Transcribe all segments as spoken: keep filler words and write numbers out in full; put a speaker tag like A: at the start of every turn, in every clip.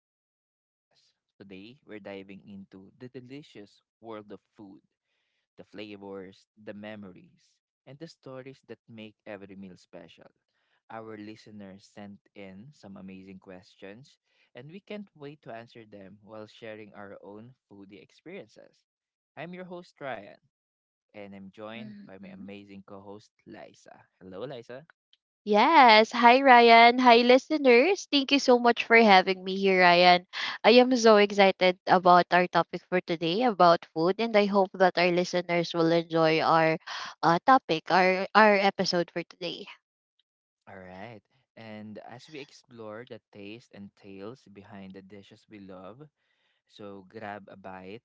A: back to the podcast. Today, we're diving into the delicious world of food, the flavors, the memories, and the stories that make every meal special. Our listeners sent in some amazing questions, and we can't wait to answer them while sharing our own foodie experiences. I'm your host, Ryan, and I'm joined by my
B: Mhm.
A: amazing co host, Liza. Hello, Liza.
B: Yes. Hi, Ryan. Hi, listeners. Thank you so much for having me here, Ryan. I am so excited about our topic for today about food, and I hope that our listeners will enjoy our uh, topic, our, our episode for today.
A: All right. And as we explore the taste and tales behind the dishes we love, so grab a bite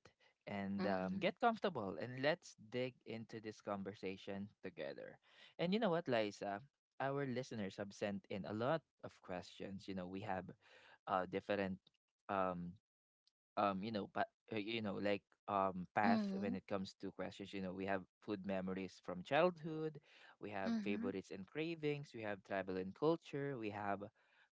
A: and um,
B: Mm-hmm.
A: get comfortable and let's dig into this conversation together. And you know what, Liza? Our listeners have sent in a lot of questions. You know, we have uh, different um, um you know but uh, you know like um path when
B: Mm-hmm.
A: it comes to questions. You know, we have food memories from childhood, we have favorites and cravings, we have travel and culture, we have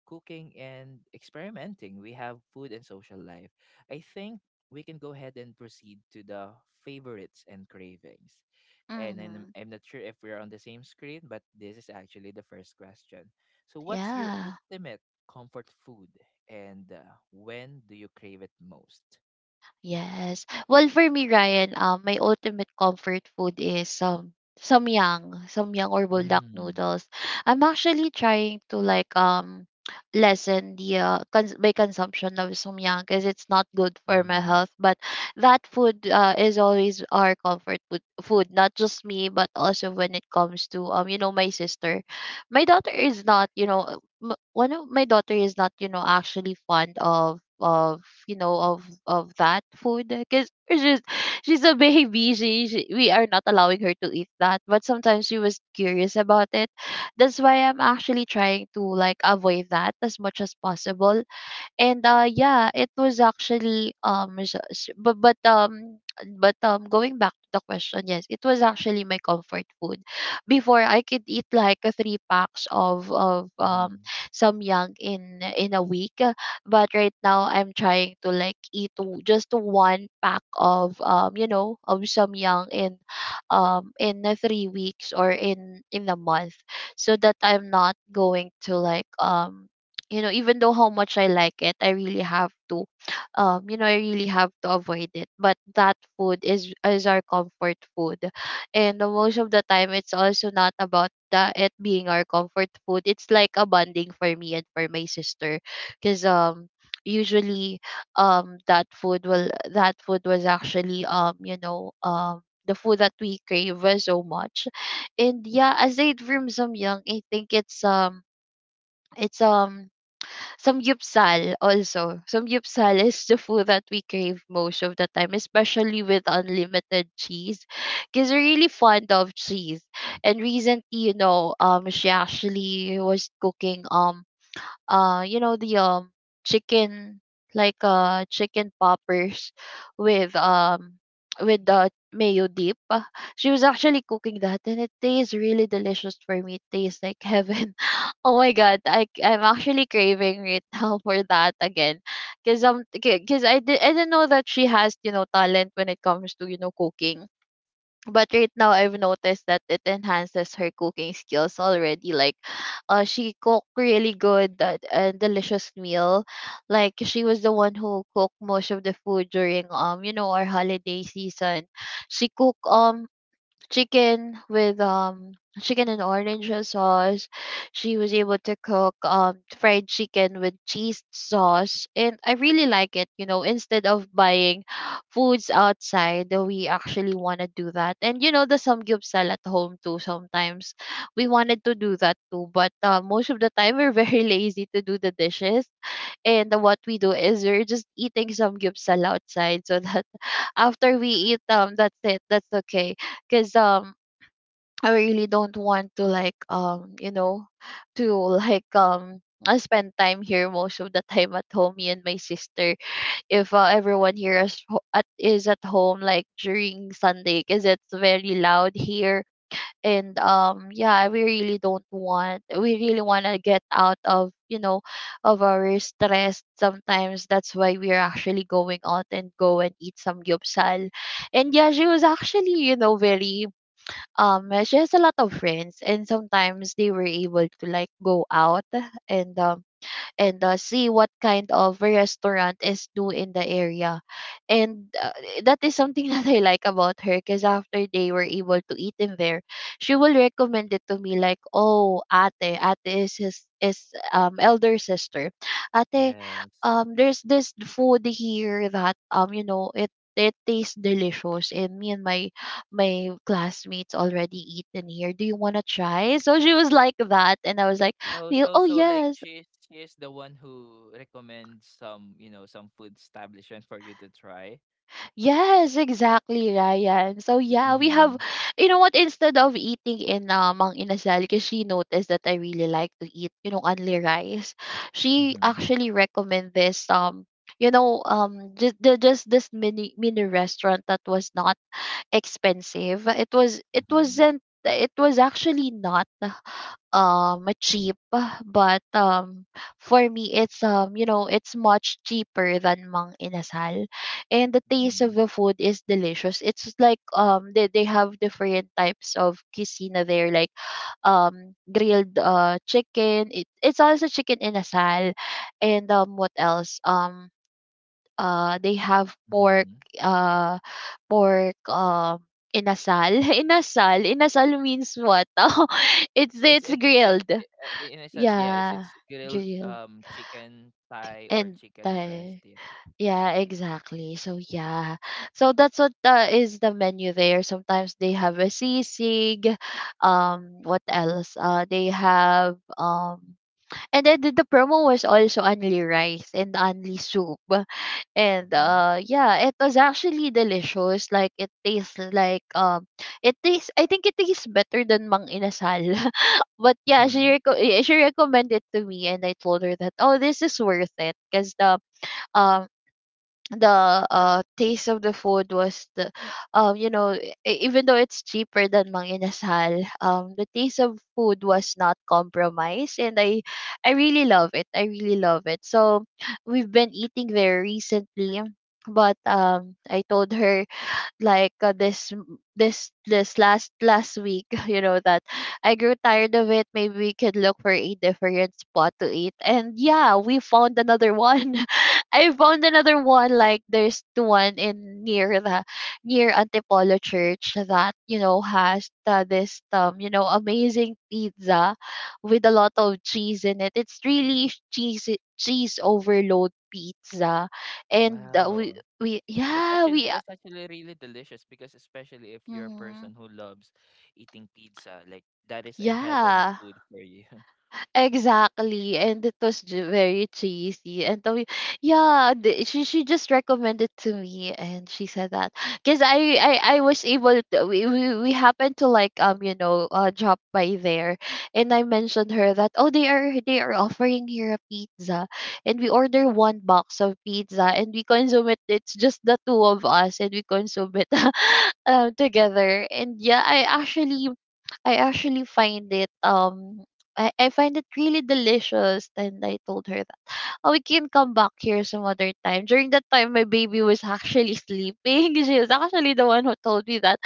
A: cooking and experimenting, we have food and social life. I think we can go ahead and proceed to the favorites and cravings, and then I'm
B: Mm-hmm.
A: I'm not sure if we're on the same screen, but this is actually the first question. So, what's your
B: Yeah.
A: ultimate comfort food and uh, when do you crave it most?
B: Yes. Well, for me, Ryan, um, my ultimate comfort food is um samyang, samyang or buldak
A: Mm.
B: noodles. I'm actually trying to like um lessen the uh, cons- my consumption of samyang because it's not good for my
A: Mm-hmm.
B: health. But that food uh, is always our comfort food, food, not just me, but also when it comes to um you know my sister. My daughter is not you know m- one of my daughter is not you know actually fond of of you know of of that food because she's she's a baby she, she we are not allowing her to eat that, but sometimes she was curious about it. That's why I'm actually trying to like avoid that as much as possible. And, uh, yeah, it was actually, um, s- s- but, but, um, but, um, going back to the question, yes, it was actually my comfort food. Before, I could eat like uh, three packs of, of,
A: Mm-hmm.
B: um, samyang in, in a week. uh, But right now, I'm trying to like eat w- just one pack of, um, you know, of samyang in, um, in uh, three weeks or in, in a month, so that I'm not going to like um you know, even though how much I like it, I really have to um you know, I really have to avoid it. But that food is is our comfort food. And the most of the time it's also not about that it being our comfort food, it's like a bonding for me and for my sister, because um usually um that food will that food was actually um you know um the food that we crave uh, so much. And yeah, aside from some young, I think it's um it's um samgyupsal also. Samgyupsal is the food that we crave most of the time, especially with unlimited cheese. Because we're really fond of cheese. And recently, you know, um, she actually was cooking um uh you know the um chicken, like uh chicken poppers with um with the mayo dip. Uh, She was actually cooking that and it tastes really delicious for me. It tastes like heaven. Oh my god, I I'm actually craving right now for that again. Cause um, cause I did I didn't know that she has you know talent when it comes to you know cooking, but right now I've noticed that it enhances her cooking skills already. Like, uh, she cooked really good that and delicious meal. Like she was the one who cooked most of the food during um you know our holiday season. She cooked um chicken with um chicken and orange sauce. She was able to cook um fried chicken with cheese sauce, and I really like it. You know, instead of buying foods outside, uh, we actually want to do that. And you know, the samgyeopsal at home too. Sometimes we wanted to do that too, but uh, most of the time we're very lazy to do the dishes. And what we do is we're just eating some gyupsal outside, so that after we eat um that's it. That's okay. Cause um I really don't want to like um you know to like um I spend time here most of the time at home, me and my sister, if uh, everyone here is ho- at is at home, like during Sunday, because it's very loud here. And um yeah, we really don't want we really want to get out of you know of our stress sometimes. That's why we're actually going out and go and eat some gyupsal. And yeah, she was actually you know very um she has a lot of friends, and sometimes they were able to like go out and um and uh, see what kind of restaurant is new in the area. And uh, that is something that I like about her, because after they were able to eat in there, she will recommend it to me like, oh, ate, ate is his is um elder sister. Ate,
A: Yes.
B: um, there's this food here that um, you know, it it tastes delicious and me and my my classmates already eaten here. Do you wanna try? So she was like that and I was like,
A: Oh,
B: "Yo-
A: so
B: oh
A: so like
B: yes,
A: she's she is the one who recommends some, you know, some food establishment for you to try.
B: yes, exactly, Ryan. So yeah, we have,
A: Mm-hmm.
B: you know what? Instead of eating in uh, Mang Inasal, because she noticed that I really like to eat, you know, only rice. She
A: Mm-hmm.
B: actually recommended this um, you know, um, just the, just this mini mini restaurant that was not expensive. It was it
A: Mm-hmm.
B: wasn't. It was actually not um cheap, but um for me it's um you know it's much cheaper than Mang Inasal. And the taste
A: Mm-hmm.
B: of the food is delicious. It's like um they, they have different types of cuisine there, like um grilled uh chicken, it, it's also chicken inasal. And um what else, um uh they have pork,
A: Mm-hmm.
B: uh pork um inasal. Inasal, inasal means what? it's
A: Is, is
B: it's
A: it is it
B: grilled.
A: uh, in a sense? Yeah, is
B: Yeah,
A: it's grilled
B: grill
A: um chicken thigh or
B: and
A: chicken breast?
B: Thai.
A: Yeah.
B: Yeah, exactly. So yeah, so that's what uh, is the menu there. Sometimes they have a sisig. Um, what else? Uh, they have um, and then the the promo was also only rice and only soup. And
A: Mm-hmm.
B: uh yeah, it was actually delicious. Like it tastes like um it tastes I think it tastes better than Mang Inasal. But yeah, she
A: Mm-hmm.
B: reco- eh, she recommended to me and I told her that oh this is worth it because the um the uh taste of the food was the um you know e- e, even though it's cheaper than Mang Inasal, um the taste of food was not compromised. And I I really love it, I really love it. So we've been eating there recently, but um I told her like uh, this m- this this last last week you know that I grew tired of it, maybe we could look for a different spot to eat. And yeah, we found another one. I found another one, like there's the one in near the near Antipolo church that you know has the, this um you know amazing pizza with a lot of cheese in it. It's really cheese cheese overload pizza. And uh, we
A: Wow.
B: we
A: That's
B: yeah
A: actually
B: we uh,
A: that's actually really delicious, because especially if you're a
B: Mhm.
A: person who loves eating pizza, like that is a heaven
B: Yeah,
A: food for you.
B: exactly, and it was j- very cheesy. And so, yeah, the, she she just recommended to me, and she said that because I, I I was able to, we, we we happened to like um you know uh drop by there, and I mentioned her that oh they are they are offering here a pizza, and we order one box of pizza and we consume it. It's just the two of us, and we consume it um together. And yeah, I actually I actually find it um I, I find it really delicious. And I told her that, oh, we can come back here some other time. During that time, my baby was actually sleeping. She was actually the one who told me that,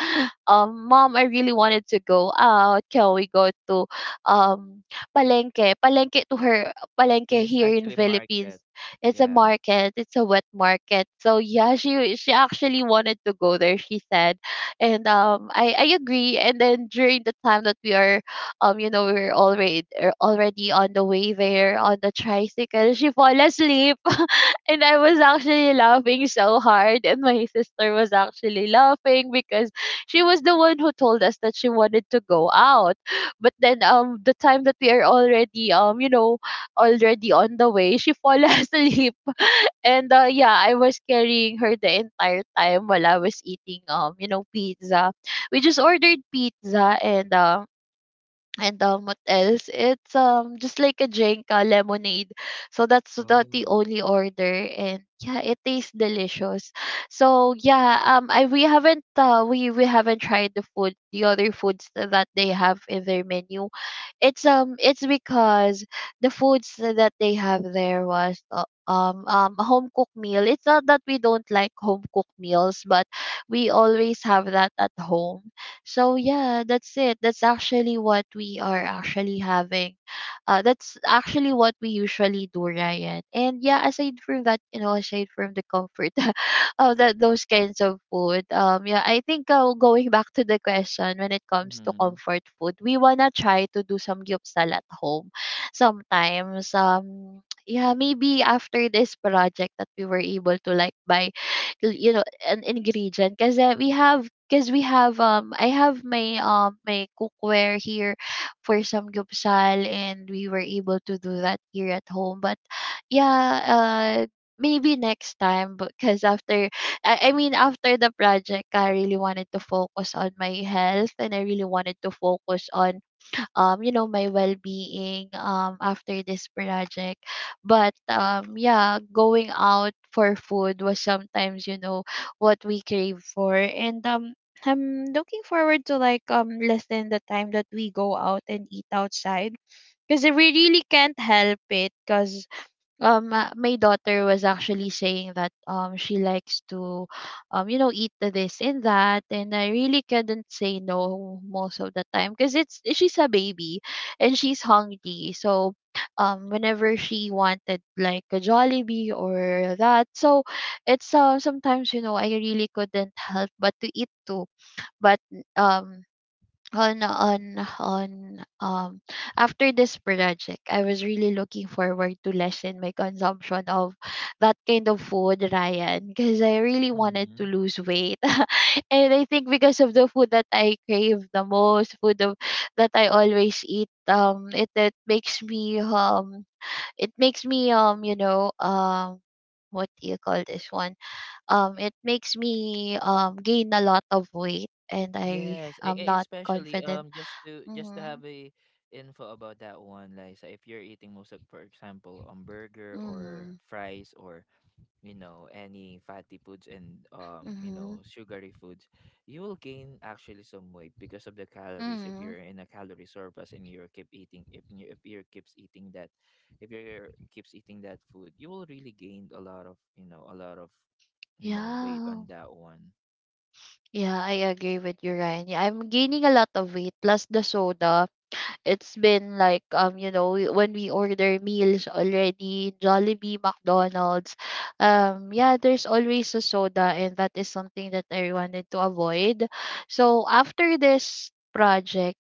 B: um, mom, I really wanted to go out. Can we go to um Palenque? Palenque to her, Palenque
A: It's
B: here in
A: actually
B: Philippines.
A: market.
B: It's a
A: Yeah.
B: market. It's a wet market. So yeah, she she actually wanted to go there. She said, and um, I I agree. And then during the time that we are um you know we were already er, already on the way there on the tricycle, she fall asleep. And I was actually laughing so hard and my sister was actually laughing because she was the one who told us that she wanted to go out. But then um the time that we are already um you know already on the way, she fall asleep. And uh, yeah, I was carrying her the entire time while I was eating um you know pizza. We just ordered pizza and um and um, what else? It's um just like a drink, a lemonade. So that's the the
A: Oh.
B: only order, and yeah, it tastes delicious. So yeah, um, I we haven't uh we we haven't tried the food, the other foods tha- that they have in their menu. It's um it's because the foods that they have there was uh, um um a home cooked meal. It's not that we don't like home cooked meals, but we always have that at home. So yeah, that's it. That's actually what we are actually having. Uh, that's actually what we usually do, Ryan. And yeah, aside from that, you know, aside from the comfort of that those kinds of food, um, yeah, I think uh, going back to the question when it comes to
A: Mm-hmm.
B: comfort food, we wanna try to do some gyupsal at home sometimes. Um, yeah, maybe after this project that we were able to like buy l- you know, an ingredient. Cause uh, we have, because we have um I have my um my cookware here for some gyupsal, and we were able to do that here at home. But yeah, uh maybe next time, because after I, I mean after the project I really wanted to focus on my health, and I really wanted to focus on um you know, my well-being um after this project. But um yeah, going out for food was sometimes, you know, what we crave for. And um I'm looking forward to like um lessen the time that we go out and eat outside, because we really can't help it. Because um uh, my daughter was actually saying that um she likes to um you know, eat this and that, and I really couldn't say no most of the time, because it's, she's a baby and she's hungry. So um whenever she wanted like a Jollibee or that, so it's uh, sometimes, you know, I really couldn't help but to eat too. But um on on on um after this project I was really looking forward to lessen my consumption of that kind of food, Ryan, because I really wanted to
A: Mm-hmm.
B: lose weight. And I think because of the food that I crave the most, food of, that I always eat, um it, it makes me um it makes me um you know, um what do you call this one, um it makes me um gain a lot of weight, and I
A: Yes, e-
B: am
A: e-
B: not
A: especially
B: confident.
A: um just to just to
B: Mhm,
A: have a info about that one, Liza. If you're eating most of, for example, um burger or
B: mhm,
A: fries or you know any fatty foods and um you
B: mhm,
A: know sugary foods, you will gain actually some weight because of the calories if
B: mhm.
A: you're in a calorie surplus and you keep eating. If you if you keeps eating that, if you keeps eating that food, you will really gain a lot of, you know, a lot of, you know, weight
B: Yeah.
A: on that one.
B: Yeah, I agree with you, Ryan. Yeah, I'm gaining a lot of weight, plus the soda. It's been like, um, you know, we- when we order meals already, Jollibee, McDonald's, um, yeah, there's always a soda, and that is something that I wanted to avoid. So after this project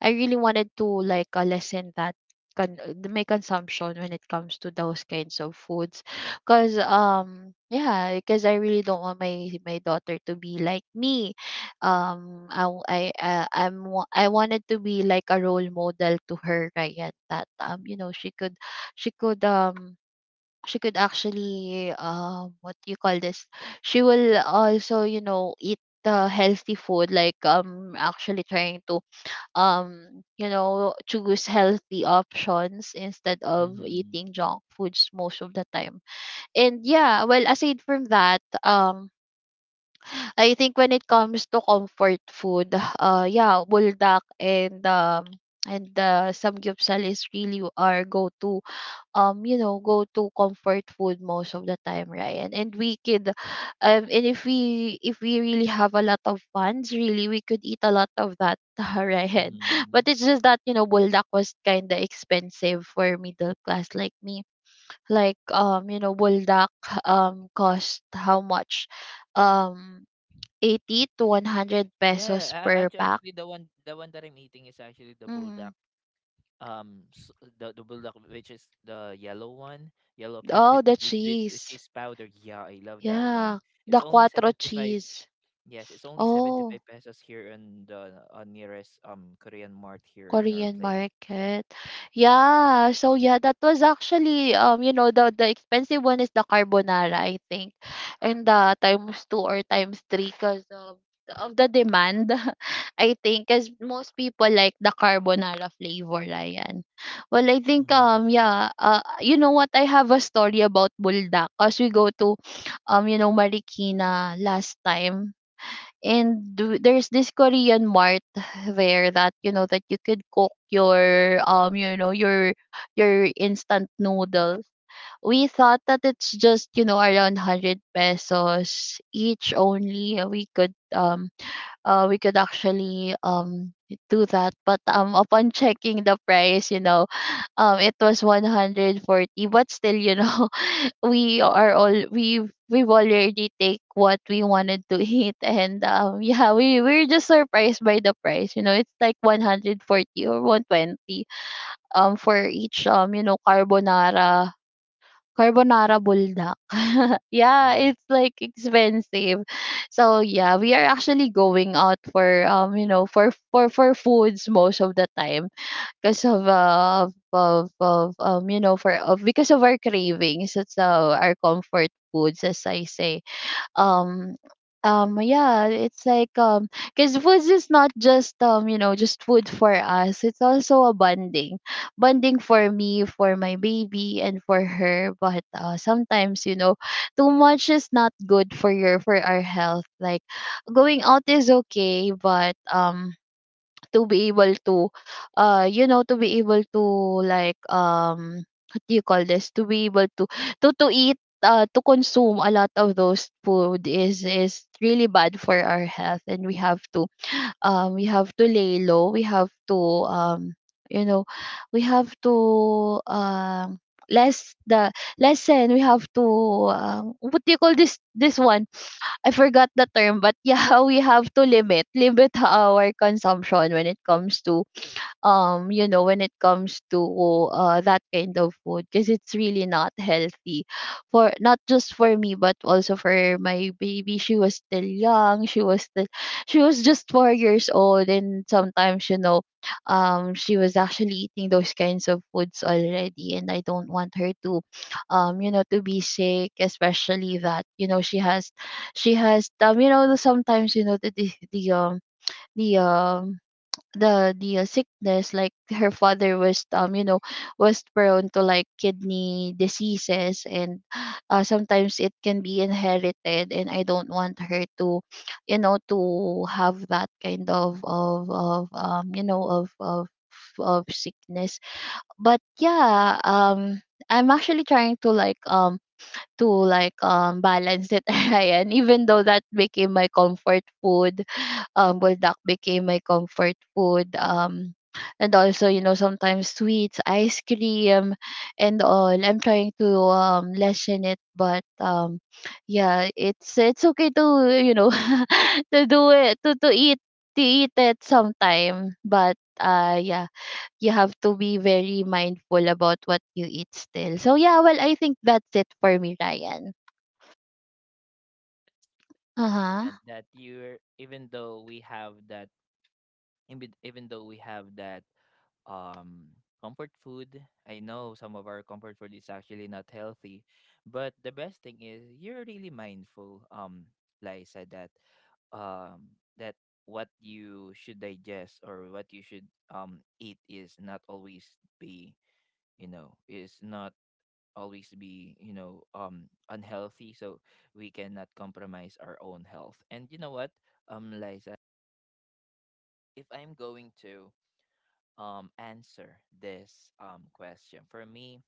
B: I really wanted to like uh, lessen that con- uh, my consumption when it comes to those kinds of foods, because um yeah, because I really don't want my my daughter to be like me. Um I w- I uh, I'm wa- I wanted to be like a role model to her right yet that um you know, she could, she could um she could actually um what do you call this, she will also, you know, eat the healthy food, like um actually trying to um you know, choose healthy options instead of
A: Mm-hmm.
B: eating junk foods most of the time. And yeah, well, aside from that, um I think when it comes to comfort food, uh yeah, buldak and um and uh, samgyupsal is really our go-to, um you know, go to comfort food most of the time, right? And and we could, um and if we, if we really have a lot of funds, really we could eat a lot of that. Right?
A: Mm-hmm.
B: But it's just that, you know, buldak was kind of expensive for middle class like me. Like, um you know, buldak um cost how much, um eighty to one hundred
A: Yeah,
B: pesos
A: a-
B: per
A: act-
B: pack.
A: actually the one the one that I'm eating is actually the bulldog,
B: Mm.
A: um s the the bulldog, which is the yellow one, yellow pack with,
B: Oh, the
A: with with with
B: cheese.
A: cheese powder. Yeah, I love that one.
B: Yeah,
A: It's
B: the
A: only
B: quattro
A: seventy-five.
B: cheese.
A: Yes, it's only
B: Oh,
A: seventy-five pesos here in the uh, nearest um korean mart here in our
B: Korean
A: place.
B: market. Yeah, so yeah, that was actually, um, you know, the the expensive one is the carbonara, I think. And uh, times two or times three because of, of the demand. I think, because most people like the carbonara flavor, Ryan. Well, I think,
A: Hmm.
B: um, yeah, uh, you know what, I have a story about buldak because we go to, um, you know, Marikina last time. And do- there's this Korean mart there that, you know, that you could cook your um you know, your your instant noodles. We thought that it's just, you know, around hundred pesos each only. uh, We could um uh we could actually um do that. But um upon checking the price, you know, um it was one hundred forty, but still, you know, we are all, we've, we've already take what we wanted to eat. And um yeah, we, we're just surprised by the price, you know. It's like one hundred forty or one twenty, um for each, um you know, carbonara, carbonara buldak. Yeah,
A: Yeah.
B: it's like expensive. So yeah, we are actually going out for um you know, for, for for foods most of the time, because of, uh, of of um you know, for of because of our cravings. It's uh, our comfort foods, as I say. um um yeah, it's like, um because foods is not just, um you know, just food for us, it's also a bonding, bonding for me, for my baby and for her. But uh, sometimes, you know, too much is not good for your, for our health. Like, going out is okay, but um to be able to uh you know, to be able to, like, um what do you call this, to be able to, to to eat, uh, to consume a lot of those food is is really bad for our health, and we have to um we have to lay low, we have to, um you know, we have to um less the, lessen, we have to um what do you call this this one, I forgot the term, but yeah, we have to limit, limit our consumption when it comes to um you know, when it comes to uh, that kind of food, because it's really not healthy. For not just for me, but also for my baby, she was still young, she was still, she was just four years old. And sometimes, you know, um she was actually eating those kinds of foods already, and I don't want her to um you know, to be sick, especially that, you know, she has, she has um you know, sometimes, you know, the the, the um the um the the uh, sickness, like her father was, um you know, was prone to like kidney diseases, and uh, sometimes it can be inherited, and I don't want her to, you know, to have that kind of of of um you know, of of of sickness. But yeah, um I'm actually trying to like um to like, um balance it. Ryan, even though that became my comfort food, um, buldak became my comfort food. Um, and also, you know, sometimes sweets, ice cream, and all. I'm trying to, um, lessen it, but um, yeah, it's it's okay to, you know, to do it, to to eat, to eat it sometime. But uh, yeah, you have to be very mindful about what you eat still. So yeah, well, I think that's it for me, Ryan. Uh huh.
A: Important that you're even though we have that in bit- even though we have that um comfort food, I know some of our comfort food is actually not healthy, but the best thing is you're really mindful, um Liza, that um that what you should digest or what you should um eat is not always be, you know, is not always be, you know, um unhealthy. So we cannot compromise our own health. And you know what, um Liza? If I'm going to um answer this um question for me,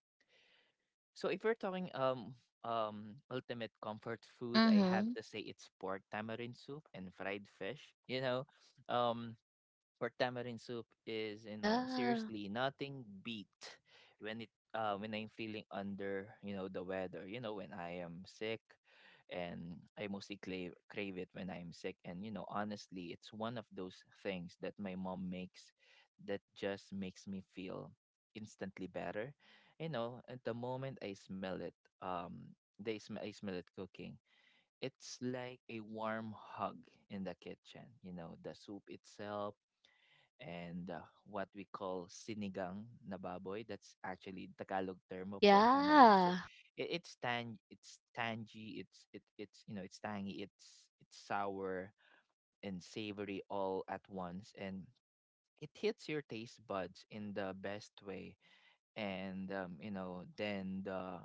A: so if we're talking um um ultimate comfort food, I have
B: Mhm.
A: to say it's pork tamarind soup and fried fish, you know, um or tamarind soup is, you know,
B: Yeah.
A: seriously nothing beat when it uh, when I'm feeling under, you know, the weather, you know, when I am sick. And I mostly crave, crave it when I'm sick, and you know, honestly, it's one of those things that my mom makes that just makes me feel instantly better. You know, at the moment I smell it, um they sm- I smell it cooking, it's like a warm hug in the kitchen, you know, the soup itself. And uh, what we call sinigang na baboy. That's actually Tagalog term for tamarind soup.
B: Yeah.
A: It, it's tang, it's tangy, it's it it's you know, it's tangy, it's it's sour and savory all at once, and it hits your taste buds in the best way. And um, you know, then the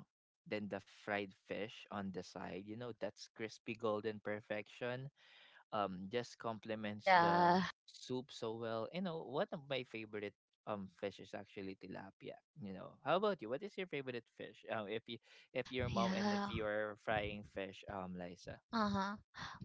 A: then the fried fish on the side, you know, that's crispy golden perfection, um just complements the
B: Yeah.
A: soup so well. You know, one of my favorite um fish is actually tilapia. You know, how about you? What is your favorite fish? Um, if you if your mom and if
B: Yeah.
A: you are frying fish, um, Liza,
B: Uh-huh.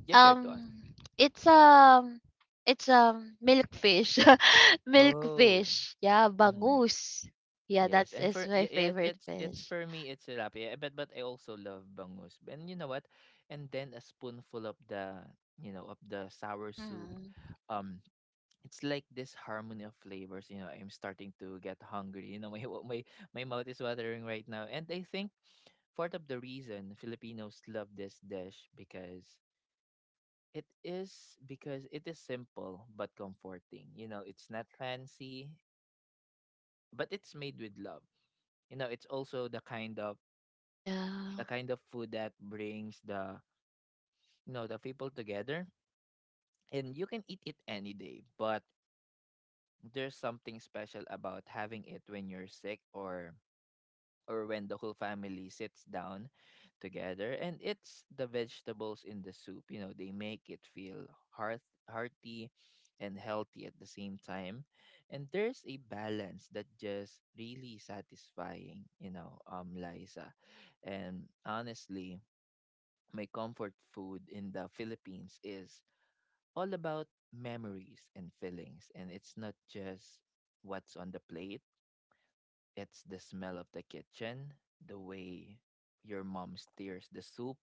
A: just share to us.
B: Um it's um it's um milkfish.
A: Oh.
B: Milkfish. Yeah,
A: Mm-hmm.
B: bangus. Yeah,
A: Yes,
B: that's
A: and
B: is
A: for
B: my
A: ye- yes,
B: favorite
A: it's it's
B: fish.
A: for me it's tilapia, but but I also love bangus. And you know what? And then a spoonful of the, you know, of the sour soup,
B: Mm.
A: um, it's like this harmony of flavors. You know, I'm starting to get hungry, you know, my wa- my my mouth is watering right now, and I think part of the reason Filipinos love this dish, because it is because it is simple but comforting. You know, it's not fancy but it's made with love. You know, it's also the kind of, the
B: Yeah.
A: kind of food that brings the, you know, the people together. And you can eat it any day, but there's something special about having it when you're sick, or or when the whole family sits down together. And it's the vegetables in the soup, you know, they make it feel hearth- hearty and healthy at the same time. And there's a balance that just really satisfying, you know, um, Liza. And honestly, my comfort food in the Philippines is all about memories and feelings, and it's not just what's on the plate. It's the smell of the kitchen, the way your mom steers the soup,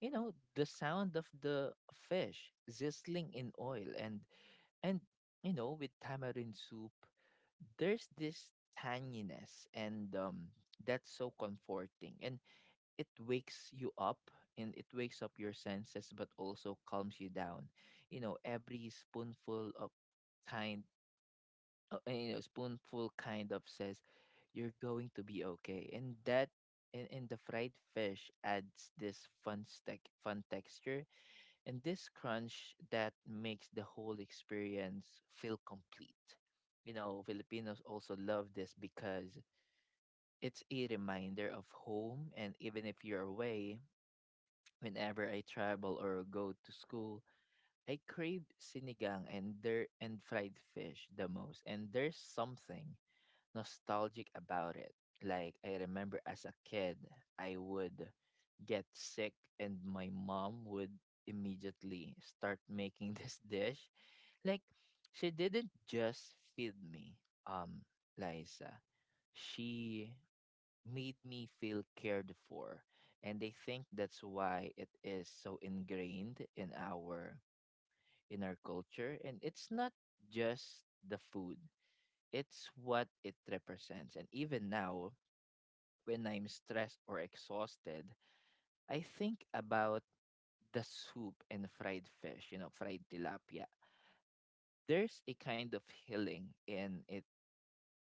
A: you know, the sound of the fish sizzling in oil. and and you know, with tamarind soup, there's this tanginess, and um that's so comforting, and it wakes you up, and it wakes up your senses but also calms you down. You know, every spoonful of kind uh, you know, spoonful kind of says you're going to be okay. And that and, and the fried fish adds this fun stack fun texture and this crunch that makes the whole experience feel complete. You know, Filipinos also love this because it's a reminder of home, and even if you're away, whenever I travel or go to school, I crave sinigang and there and fried fish the most. And there's something nostalgic about it. Like I remember as a kid, I would get sick and my mom would immediately start making this dish. Like she didn't just feed me, um, Liza. She made me feel cared for. And I think that's why it is so ingrained in our in our culture. And it's not just the food. It's what it represents. And even now, when I'm stressed or exhausted, I think about the soup and fried fish, you know, fried tilapia. There's a kind of healing in it,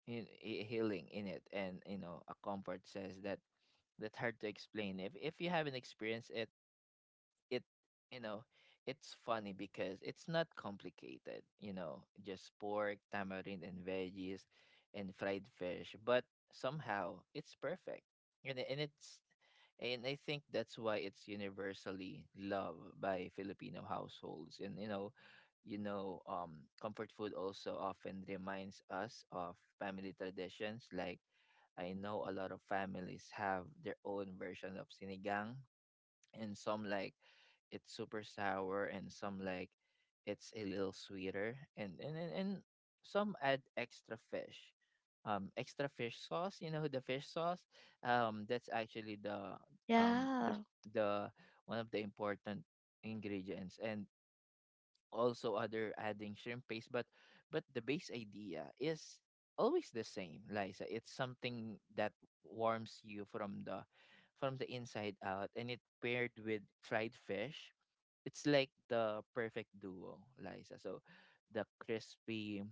A: in, a healing in it. And, you know, a comfort says that that's hard to explain. If, if you haven't experienced it, it, you know, it's funny because it's not complicated. You know, just pork tamarind and veggies and fried fish, but somehow it's perfect. And, and it's and I think that's why it's universally loved by Filipino households. And you know, you know, um comfort food also often reminds us of family traditions. Like I know a lot of families have their own version of sinigang, and some like it's super sour, and some like it's a little sweeter, and and and, and some add extra fish, um extra fish sauce. You know, the fish sauce, um that's actually the um the
B: Yeah.
A: the one of the important ingredients, and also other adding shrimp paste. But but the base idea is always the same, Liza. It's something that warms you from the, from the inside out, and it paired with fried fish, it's like the perfect duo, Liza. So the crispy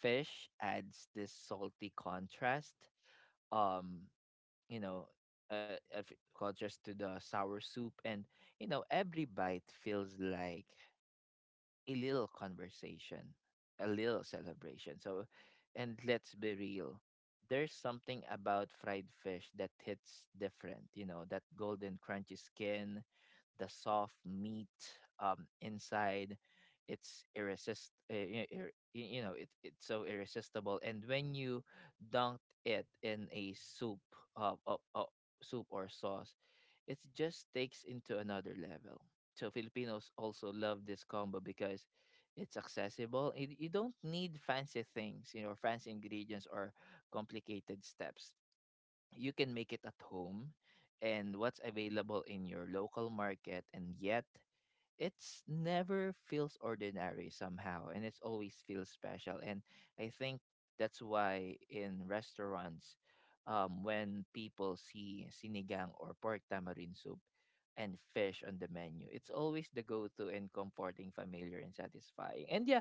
A: fish adds this salty contrast, um you know, uh, uh, contrast to the sour soup. And you know, every bite feels like a little conversation, a little celebration. So, and let's be real, there's something about fried fish that hits different, you know, that golden crunchy skin, the soft meat, um, inside. It's irresist, uh, I- ir- y- you know, it, it's so irresistible. And when you dunk it in a soup, uh, uh, uh, soup or sauce, it just takes into another level. So Filipinos also love this combo because it's accessible. And you don't need fancy things, you know, fancy ingredients or complicated steps. You can make it at home and what's available in your local market, and yet it's never feels ordinary somehow, and it's always feels special. And I think that's why in restaurants, um, when people see sinigang or pork tamarind soup and fish on the menu, it's always the go-to and comforting, familiar, and satisfying. And yeah,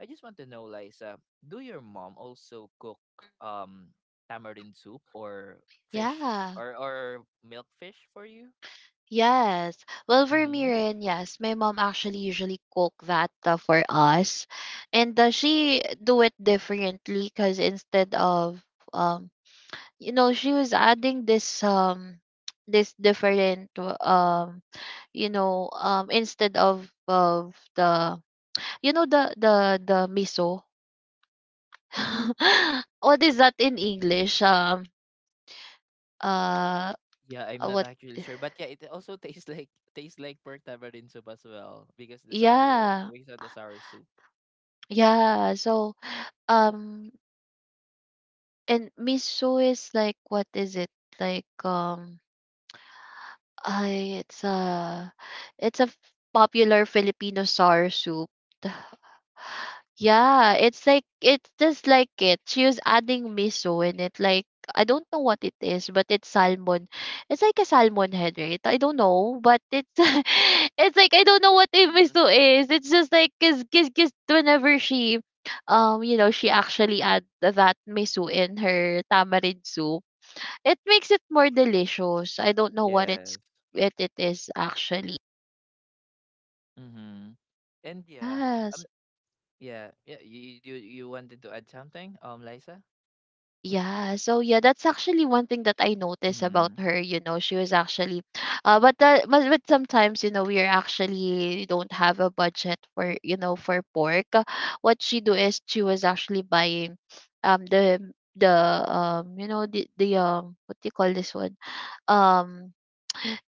A: I just want to know, Liza, do your mom also cook um, tamarind soup or fish
B: Yeah.
A: or or milk fish for you?
B: Yes. Well, for me
A: Mm-hmm.
B: rin, yes. My mom actually usually cook that, uh, for us. And uh, she do it differently, because instead of um you know, she was adding this um this different, um you know, um instead of of the, you know, the the the miso, what is that in english, um uh
A: Yeah, I'm not
B: what.
A: actually sure, but yeah, it also tastes like tastes like pork tamarind soup as well because the sour,
B: Yeah,
A: because of the sour soup.
B: yeah, so um and miso is like, what is it, like, um I it's a, it's a popular filipino sour soup. Yeah, it's like, it's just like it. She was adding miso in it. Like, I don't know what it is, but it's salmon. It's like a salmon head, right? I don't know, but it's it's like, I don't know what a
A: Mm-hmm.
B: miso is. It's just like, cause, cause, 'cause whenever she, um you know, she actually add that miso in her tamarind soup, it makes it more delicious. I don't know what it's,
A: Yes.
B: it it is actually.
A: Mm-hmm. And yeah,
B: Yes.
A: um, yeah, yeah. You you you wanted to add something, um, Liza?
B: Yeah, so yeah, that's actually one thing that I noticed about
A: Mm-hmm.
B: her. You know, she was actually, uh, but uh, but, but sometimes, you know, we are actually don't have a budget for, you know, for pork. Uh, What she do is she was actually buying, um, the the um you know, the the um what do you call this one, um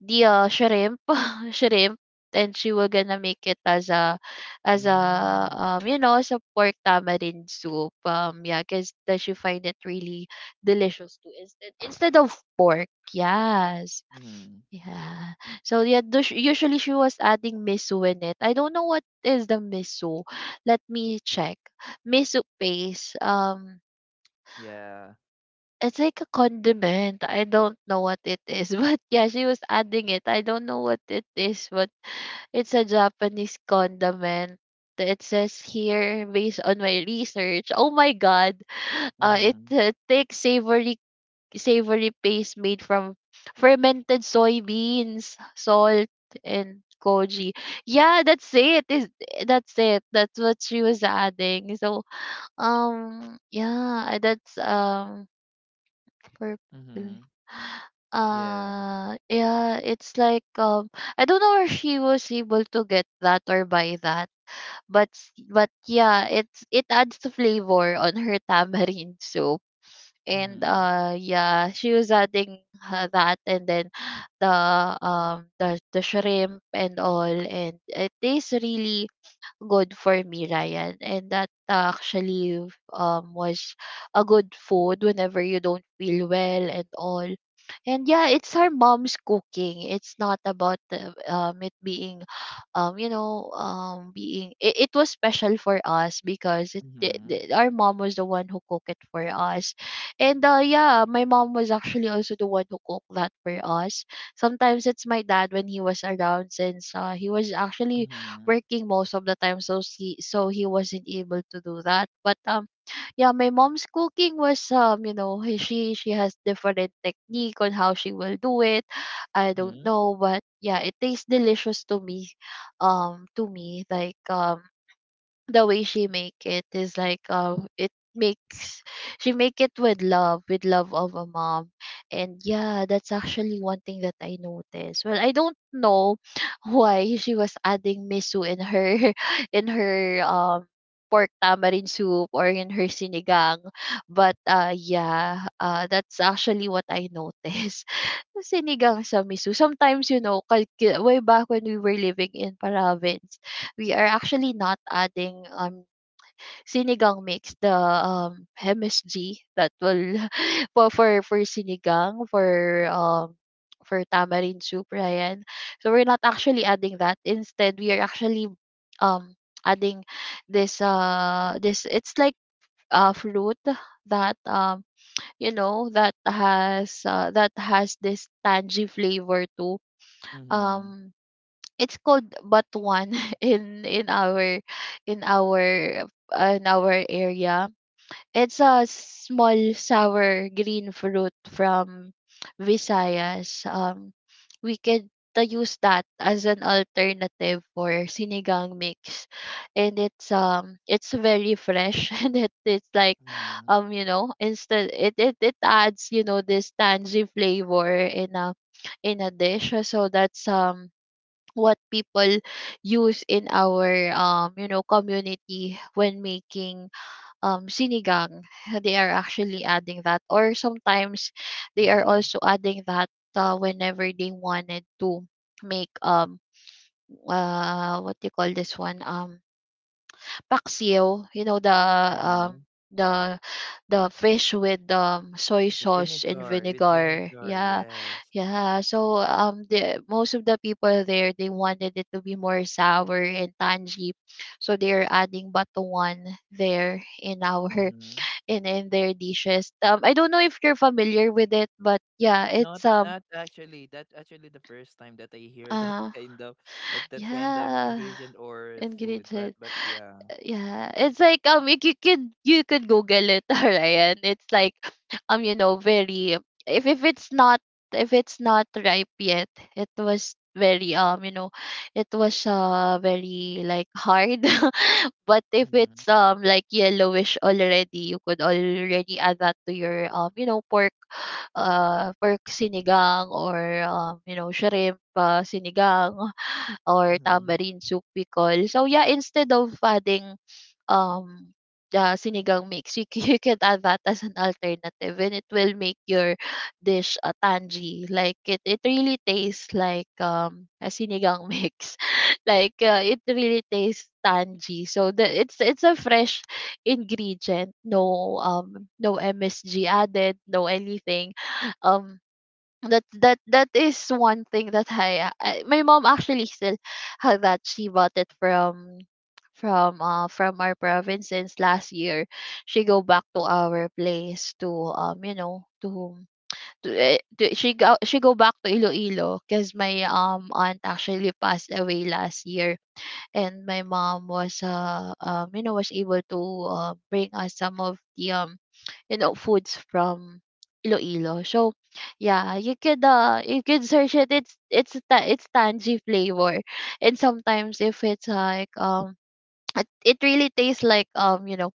B: the uh, shrimp, shrimp, and she will gonna make it as a, as a,
A: Mm-hmm.
B: um you know, as a pork tamarind soup. Um yeah, because that, she find it really delicious too, instead, instead of pork. Yes,
A: Mm-hmm.
B: yeah. So yeah, dus- usually she was adding miso in it. I don't know what is the miso, let me check. Miso paste, um
A: Yeah.
B: it's like a condiment. I don't know what it is, but yeah, she was adding it. I don't know what it is, but it's a Japanese condiment. It says here, based on my research. Oh my god. Uh, it
A: Mm-hmm.
B: uh, takes savory, savory paste made from fermented soybeans, salt, and koji. Yeah, that's it. Is that's it. That's what she was adding. So um yeah, that's um Purple.
A: Mm-hmm. Yeah.
B: Uh yeah, it's like um I don't know if she was able to get that or buy that. But s- but yeah, it's it adds the flavor on her tamarind soup. And
A: Mm-hmm.
B: uh yeah, she was adding uh, that, and then the um the the shrimp and all, and it tastes really good for me, Ryan. And that uh, actually um was a good food whenever you don't feel well and all. And yeah, it's our mom's cooking. It's not about the, um it being um you know um being it, it was special for us because it, the
A: Mm-hmm.
B: the- our mom was the one who cooked it for us. And uh yeah my mom was actually also the one who cooked that for us sometimes. It's my dad when he was around, since uh, he was actually
A: Mm-hmm.
B: working most of the time, so he so he wasn't able to do that. But um yeah my mom's cooking was um you know he- she she has different technique on how she will do it. I don't
A: Mm-hmm.
B: know, but yeah, it tastes delicious to me. um to me like um the way she make it is like um it makes she make it with love, with love of a mom. And yeah, that's actually one thing that I noticed. Well, I don't know why she was adding miso in her in her um pork tamarind soup, or in her sinigang. But uh yeah uh that's actually what I noticed. Sinigang sa miso. Sometimes, you know, kalki- way back when we were living in province, we are actually not adding um sinigang mix, the um M S G that will for for for sinigang, for um for tamarind soup, Ryan. So we're not actually adding that. Instead, we are actually um adding this uh this it's like uh fruit that um you know that has uh, that has this tangy flavor too.
A: Mm-hmm.
B: um it's called Batuan in in our in our uh, in our area. It's a small sour green fruit from Visayas. Um, we could uh, use that as an alternative for sinigang mix, and it's um it's very fresh and it, it's like
A: Mm-hmm.
B: um you know instead it, it it adds, you know, this tangy flavor in a in a dish. So that's um what people use in our um you know community when making um sinigang. They are actually adding that, or sometimes they are
A: Mm-hmm.
B: also adding that uh, whenever they wanted to make um uh what do you call this one, um paksiw, you know, the
A: Mm-hmm.
B: um the the fish with um soy
A: The
B: sauce and
A: vinegar, with
B: vinegar.
A: vinegar,
B: Yeah.
A: yes.
B: Yeah. So um the most of the people there, they wanted it to be more sour and tangy. So they're adding batuan there, in our
A: Mm-hmm.
B: in in their dishes. Um I don't know if you're familiar with it, but yeah,
A: Not
B: it's um
A: not actually. That's actually the first time that I hear that
B: uh
A: kind of that that kind of
B: yeah.
A: ingredient or food. But
B: Ingredient.
A: but yeah.
B: Yeah, it's like um, you, you could you could Google it, Ryan. It's like um, you know, very if if it's not, if it's not ripe yet, it was very um, you know, it was uh very like hard. But if it's
A: Mm-hmm.
B: um like yellowish already, you could already add that to your um, you know, pork uh pork sinigang, or um, you know, shrimp uh, sinigang, or
A: Mm-hmm.
B: tamarind soup, we call. So yeah, instead of adding um the sinigang mix, you, c- you can add that as an alternative, and it will make your dish uh, tangy. Like it, it really tastes like um a sinigang mix. Like uh, it really tastes tangy. So the it's it's a fresh ingredient. No um no M S G added, no anything. Um that that that is one thing that I, I my mom actually still had. That she bought it from from uh from our province. Since last year, she go back to our place to um you know to to, eh, to she go she go back to Iloilo, because my um aunt actually passed away last year, and my mom was uh um you know, was able to uh, bring us some of the um you know foods from Iloilo. So yeah, you could uh you could search it. It's it's ta- it's tangy flavor, and sometimes if it's like um it, it really tastes like um you know,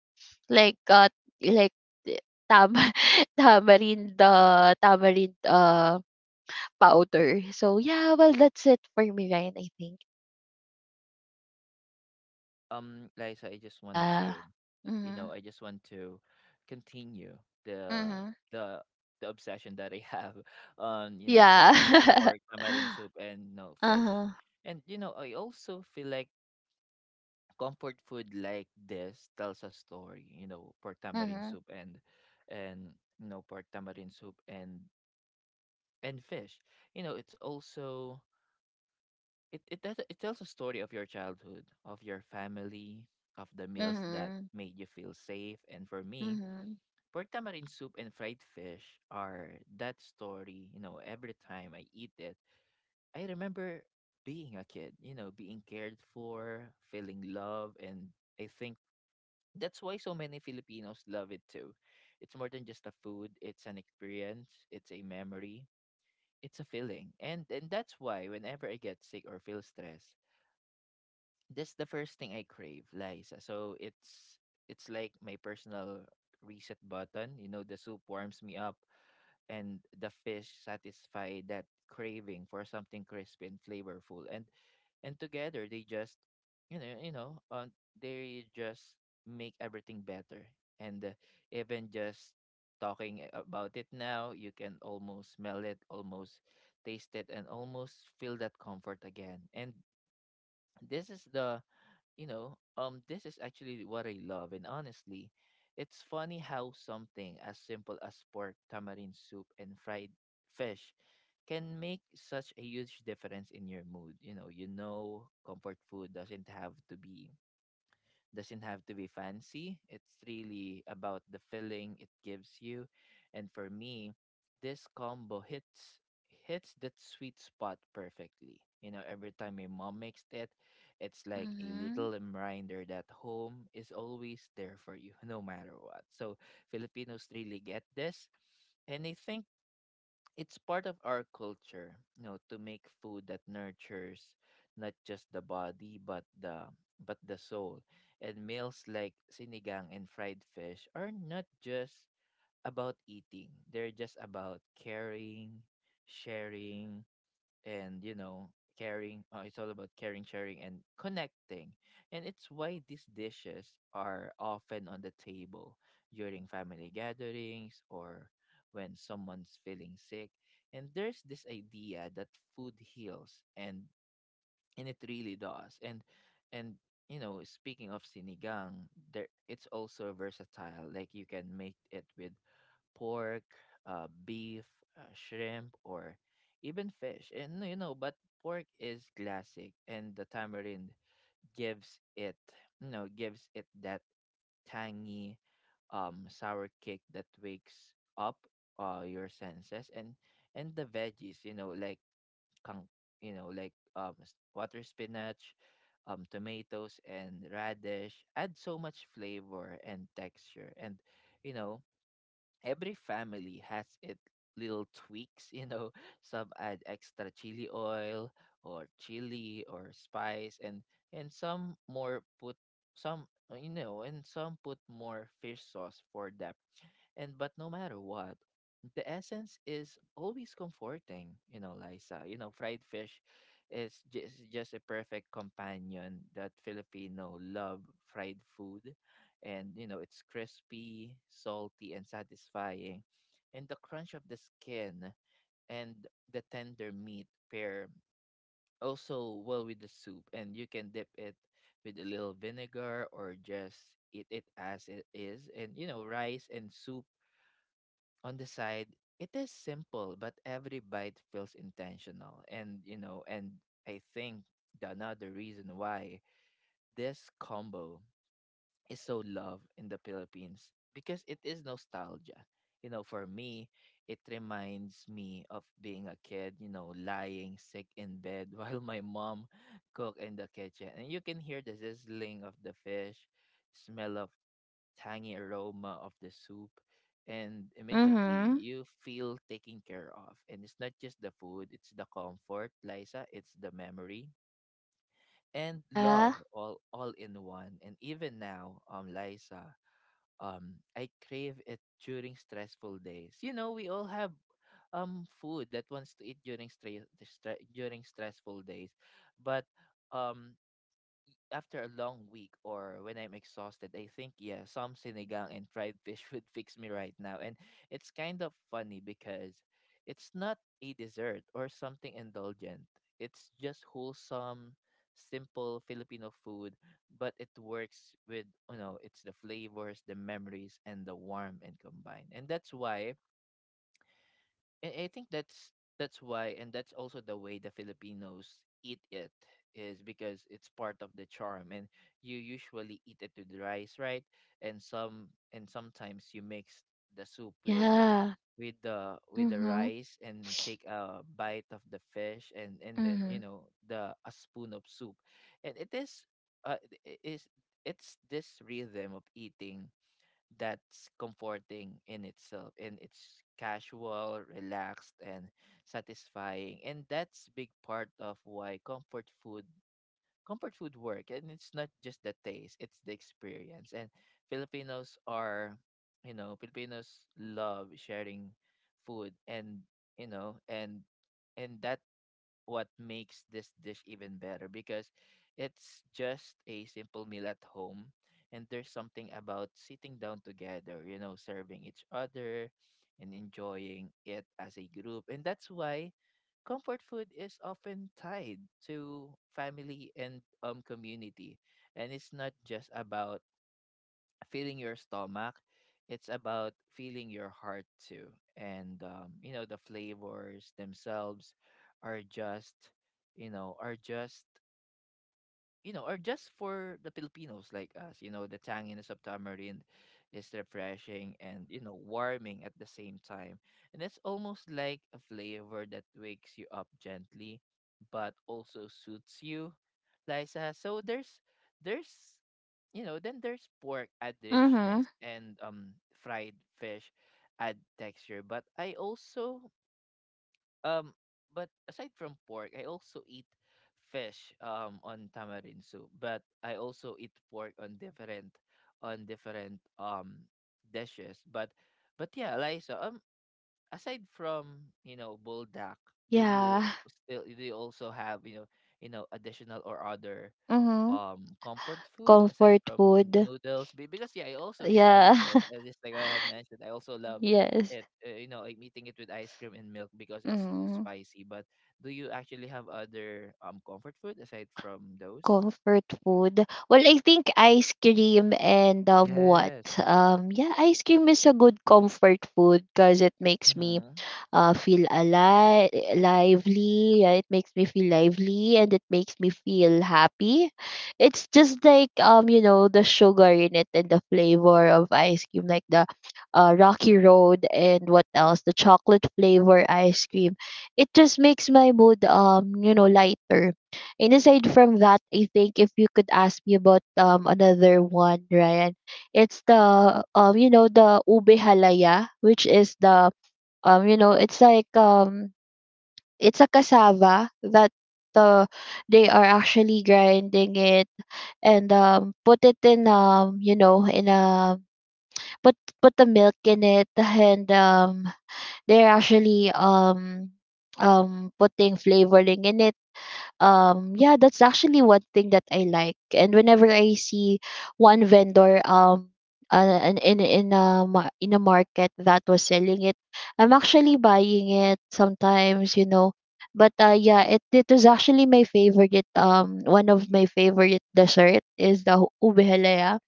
B: like uh like eh, tam tamarind uh, tamarind uh powder. So yeah, well that's it for me, Ryan. I think
A: Um, Liza, I just want
B: yeah.
A: to, you
B: Mhm.
A: know, I just want to continue the
B: Mhm.
A: the the obsession that I have on, you know, pork,
B: Yeah.
A: pork tamarin soup and no
B: Uh
A: fish.
B: huh.
A: And you know, I also feel like comfort food like this tells a story. You know, pork tamarind
B: Mhm.
A: soup and and you know, pork tamarind soup and and fish, you know, it's also it it, does- it tells a story of your childhood, of your family, of the meals that
B: Mhm.
A: made you feel safe. And for me,
B: Mhm.
A: pork tamarind soup and fried fish are that story. You know, every time I eat it, I remember being a kid, you know, being cared for, feeling love. And I think that's why so many Filipinos love it too. It's more than just a food. It's an experience, it's a memory, it's a feeling. And and that's why whenever I get sick or feel stress, that's the first thing I crave, Liza. So it's it's like my personal reset button. You know, the soup warms me up and the fish satisfy that craving for something crispy and flavorful. And and together they just you know, you know, uh, they just make everything better. And uh, Even just talking about it now, you can almost smell it, almost taste it, and almost feel that comfort again. And this is the, you know, um, this is actually what I love. And honestly, it's funny how something as simple as pork, tamarind soup, and fried fish can make such a huge difference in your mood. You know, you know, comfort food doesn't have to be doesn't have to be fancy. It's really about the feeling it gives you. And for me, this combo hits hits that sweet spot perfectly. You know, every time my mom makes it, it's like a
B: Mhm.
A: little reminder that home is always there for you, no matter what. So Filipinos really get this. And I think it's part of our culture, you know, to make food that nurtures not just the body but the, but the soul. And meals like sinigang and fried fish are not just about eating. They're just about caring, sharing, and you know caring. Uh, it's all about caring, sharing, and connecting. And it's why these dishes are often on the table during family gatherings or when someone's feeling sick. And there's this idea that food heals, and and it really does. And and you know, speaking of sinigang there, it's also versatile. Like, you can make it with pork, uh, beef, uh, shrimp, or even fish. And you know, but pork is classic, and the tamarind gives it, you know, gives it that tangy, um, sour kick that wakes up uh your senses. And and the veggies, you know, like kang, you know, like um s- water spinach, um, tomatoes, and radish add so much flavor and texture. And you know, every family has it little tweaks, you know. Some add extra chili oil or chili or spice, and and some more put some, uh, you know, and some put more fish sauce for depth. And But no matter what, the essence is always comforting, you know, Liza. You know, fried fish is just just a perfect companion. That Filipino love fried food. And you know, it's crispy, salty, and satisfying. And the crunch of the skin and the tender meat pair also well with the soup, and you can dip it with a little vinegar or just eat it as it is. And you know, rice and soup on the side, it is simple, but every bite feels intentional. And, you know, and I think the another reason why this combo is so loved in the Philippines because it is nostalgia. You know, for me, it reminds me of being a kid, you know, lying sick in bed while my mom cook in the kitchen. And you can hear the sizzling of the fish, smell of tangy aroma of the soup, and immediately
B: Mhm.
A: you feel taken care of. And it's not just the food, it's the comfort, Liza. It's the memory and
B: Yeah.
A: love all all in one. And even now, um Liza, um I crave it during stressful days. You know, we all have um food that wants to eat during stre- stre- during stressful days. But um after a long week or when I'm exhausted, I think yeah, some sinigang and fried fish would fix me right now. And it's kind of funny because it's not a dessert or something indulgent. It's just wholesome, simple Filipino food, but it works with, you know, it's the flavors, the memories, and the warmth and combine. And that's why and I think that's that's why, and that's also the way the Filipinos eat it, is because it's part of the charm. And you usually eat it with rice, right? And some, and sometimes you mix the soup with
B: Yeah.
A: with the with the
B: Mhm.
A: rice and take a bite of the fish, and and then
B: Mhm.
A: you know the a spoon of soup. And it is, uh it is, it's this rhythm of eating that's comforting in itself. And it's casual, relaxed, and satisfying. And that's big part of why comfort food, comfort food work. And it's not just the taste, it's the experience. And Filipinos are, you know, Filipinos love sharing food. And You know, and and that what makes this dish even better because it's just a simple meal at home. And there's something about sitting down together, you know, serving each other and enjoying it as a group. And that's why comfort food is often tied to family and um community. And it's not just about feeling your stomach, it's about feeling your heart too. And um, you know, the flavors themselves are just, you know are just you know, are just for the Filipinos like us. You know, the tanginess of tamarind is refreshing and, you know, warming at the same time. And it's almost like a flavor that wakes you up gently but also suits you, Lisa. So there's there's you know, then there's pork add richness,
B: Mhm.
A: and um fried fish add texture. But I also, um but aside from pork, I also eat fish um on tamarind soup. But I also eat pork on different on different um dishes. But but yeah, Liza, um aside from, you know, buldak, do you
B: Yeah.
A: still do you also have, you know, you know, additional or other
B: Mhm.
A: um comfort food aside
B: Comfort
A: from
B: food.
A: noodles? Be- because yeah, I also eat
B: Yeah.
A: noodles, uh, just like I have mentioned, I also love
B: Yes.
A: it, uh, you know, like eating it with ice cream and milk because it's too
B: Mhm.
A: spicy. But do you actually have other um comfort food aside from those?
B: Comfort food. Well, I think ice cream, and um what?
A: Yes.
B: Um yeah, ice cream is a good comfort food, because it makes me
A: Mm-hmm.
B: uh, feel alive, lively. Yeah, it makes me feel lively, and it makes me feel happy. It's just like um, you know, the sugar in it, and the flavor of ice cream, like the uh, Rocky Road, and what else, the chocolate flavor ice cream. It just makes my mood um, you know, lighter. And aside from that, I think if you could ask me about um another one, Ryan, it's the um you know the ube halaya, which is the um, you know, it's like um, it's a cassava that uh, they are actually grinding it, and um, put it in um, you know, in a put put the milk in it, and um, they're actually um um putting flavoring in it. Um yeah, that's actually one thing that I like, and whenever I see one vendor um uh, in in in a ma- in a market that was selling it, I'm actually buying it sometimes, you know. But uh yeah it it was actually my favorite. Um one of my favorite dessert is the hu- ube halaya.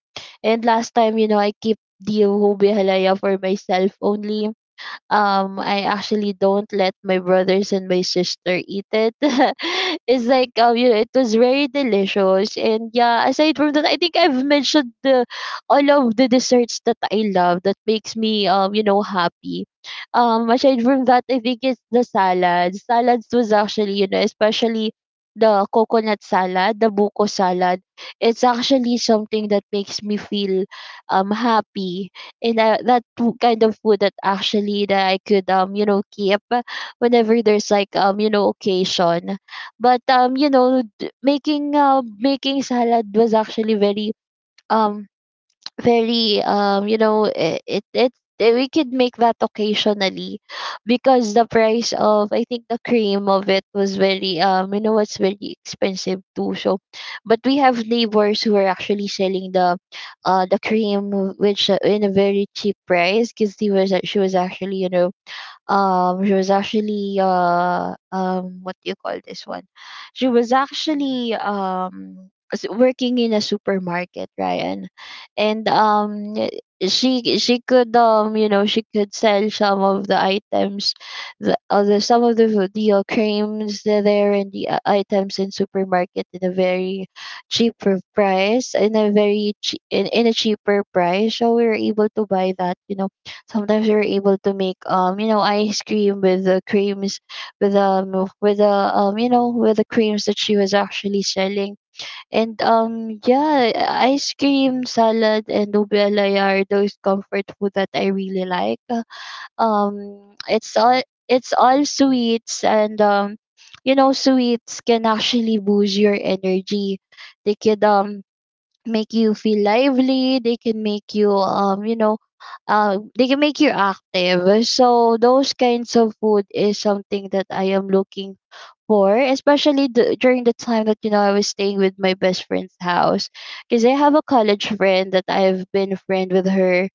B: And last time, you know, I keep the ube halaya for myself only. um I actually don't let my brothers and my sister eat it. It's like um you know, it was very delicious. And yeah, aside from that, I think I've mentioned the all of the desserts that I love that makes me um you know, happy. Um aside from that, I think it's the salads. Salads was actually, you know, especially the coconut salad, the buko salad. It's actually something that makes me feel um happy, and uh, that w- kind of food that actually that I could um you know, keep whenever there's like um you know, occasion. But um you know, d- making uh, making salad was actually very um very um you know, it, it it's eh, we could make that occasionally, because the price of, I think, the cream of it was very um you know, it's very expensive too. So but we have neighbors who are actually selling the uh the cream, which uh, in a very cheap price, because he was a- she was actually, you know, um, she was actually uh um what do you call this one? She was actually um s- working in a supermarket, Ryan, and um she she could um you know, she could sell some of the items, the other some of the the uh, creams that are there, and the uh, items in supermarket in a very cheaper price, in a very chea- in, in a cheaper price. So we were able to buy that, you know. Sometimes we were able to make um you know, ice cream with the creams, with um, with the um you know with the creams that she was actually selling. And um yeah, ice cream, salad, and ube alaya are those comfort food that I really like. um it's all, it's all sweets. And um you know, sweets can actually boost your energy. They could um make you feel lively. They can make you um you know uh, they can make you active. So those kinds of food is something that I am looking for, especially d- during the time that, you know, I was staying with my best friend's house, because I have a college friend that I've been a friend with her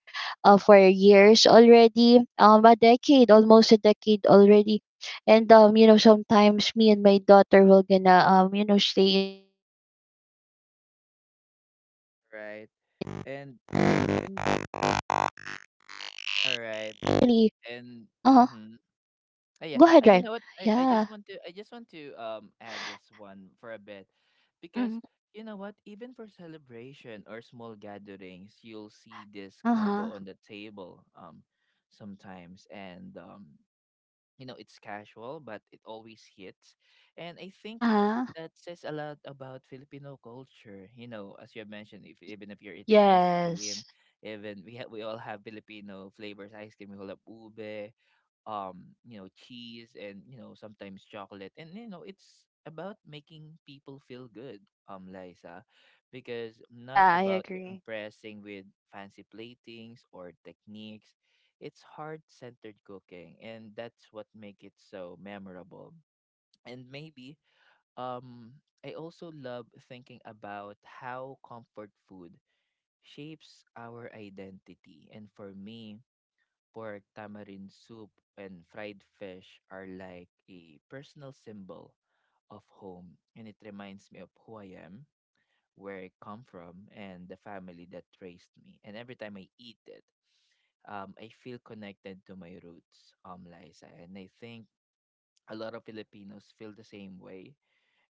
B: uh, for years already, um a decade, almost a decade already. And um you know, sometimes me and my daughter will gonna um you know, stay in
A: Right. And
B: Italy.
A: and and
B: Uh huh.
A: all
B: Go
A: right,
B: ahead, Ryan.
A: and
B: Yeah.
A: mhm. Uh, yeah. Uh, you know what? I, I just want to, I just want to um add this
B: Mm-hmm.
A: one for a bit because you know what? Even for celebration or small gatherings, you'll see this
B: Uh-huh.
A: combo on the table um sometimes, and um you know, it's casual but it always hits. And I think
B: Uh-huh.
A: that says a lot about Filipino culture. You know, as you mentioned, if
B: Y-
A: even if you're eating ice
B: Yes.
A: cream, even we ha- we all have Filipino flavors ice cream. We call it ube, um you know, cheese and, you know, sometimes chocolate. And you know, it's about making people feel good, um Liza, because not
B: Yeah, I
A: about
B: agree.
A: impressing with fancy platings or techniques. It's heart centered cooking, and that's what make it so memorable. And maybe um I also love thinking about how comfort food shapes our identity. And for me, pork, tamarind soup, and fried fish are like a personal symbol of home, and it reminds me of who I am, where I come from, and the family that raised me. And every time I eat it, um, I feel connected to my roots, um, Liza. And I think a lot of Filipinos feel the same way.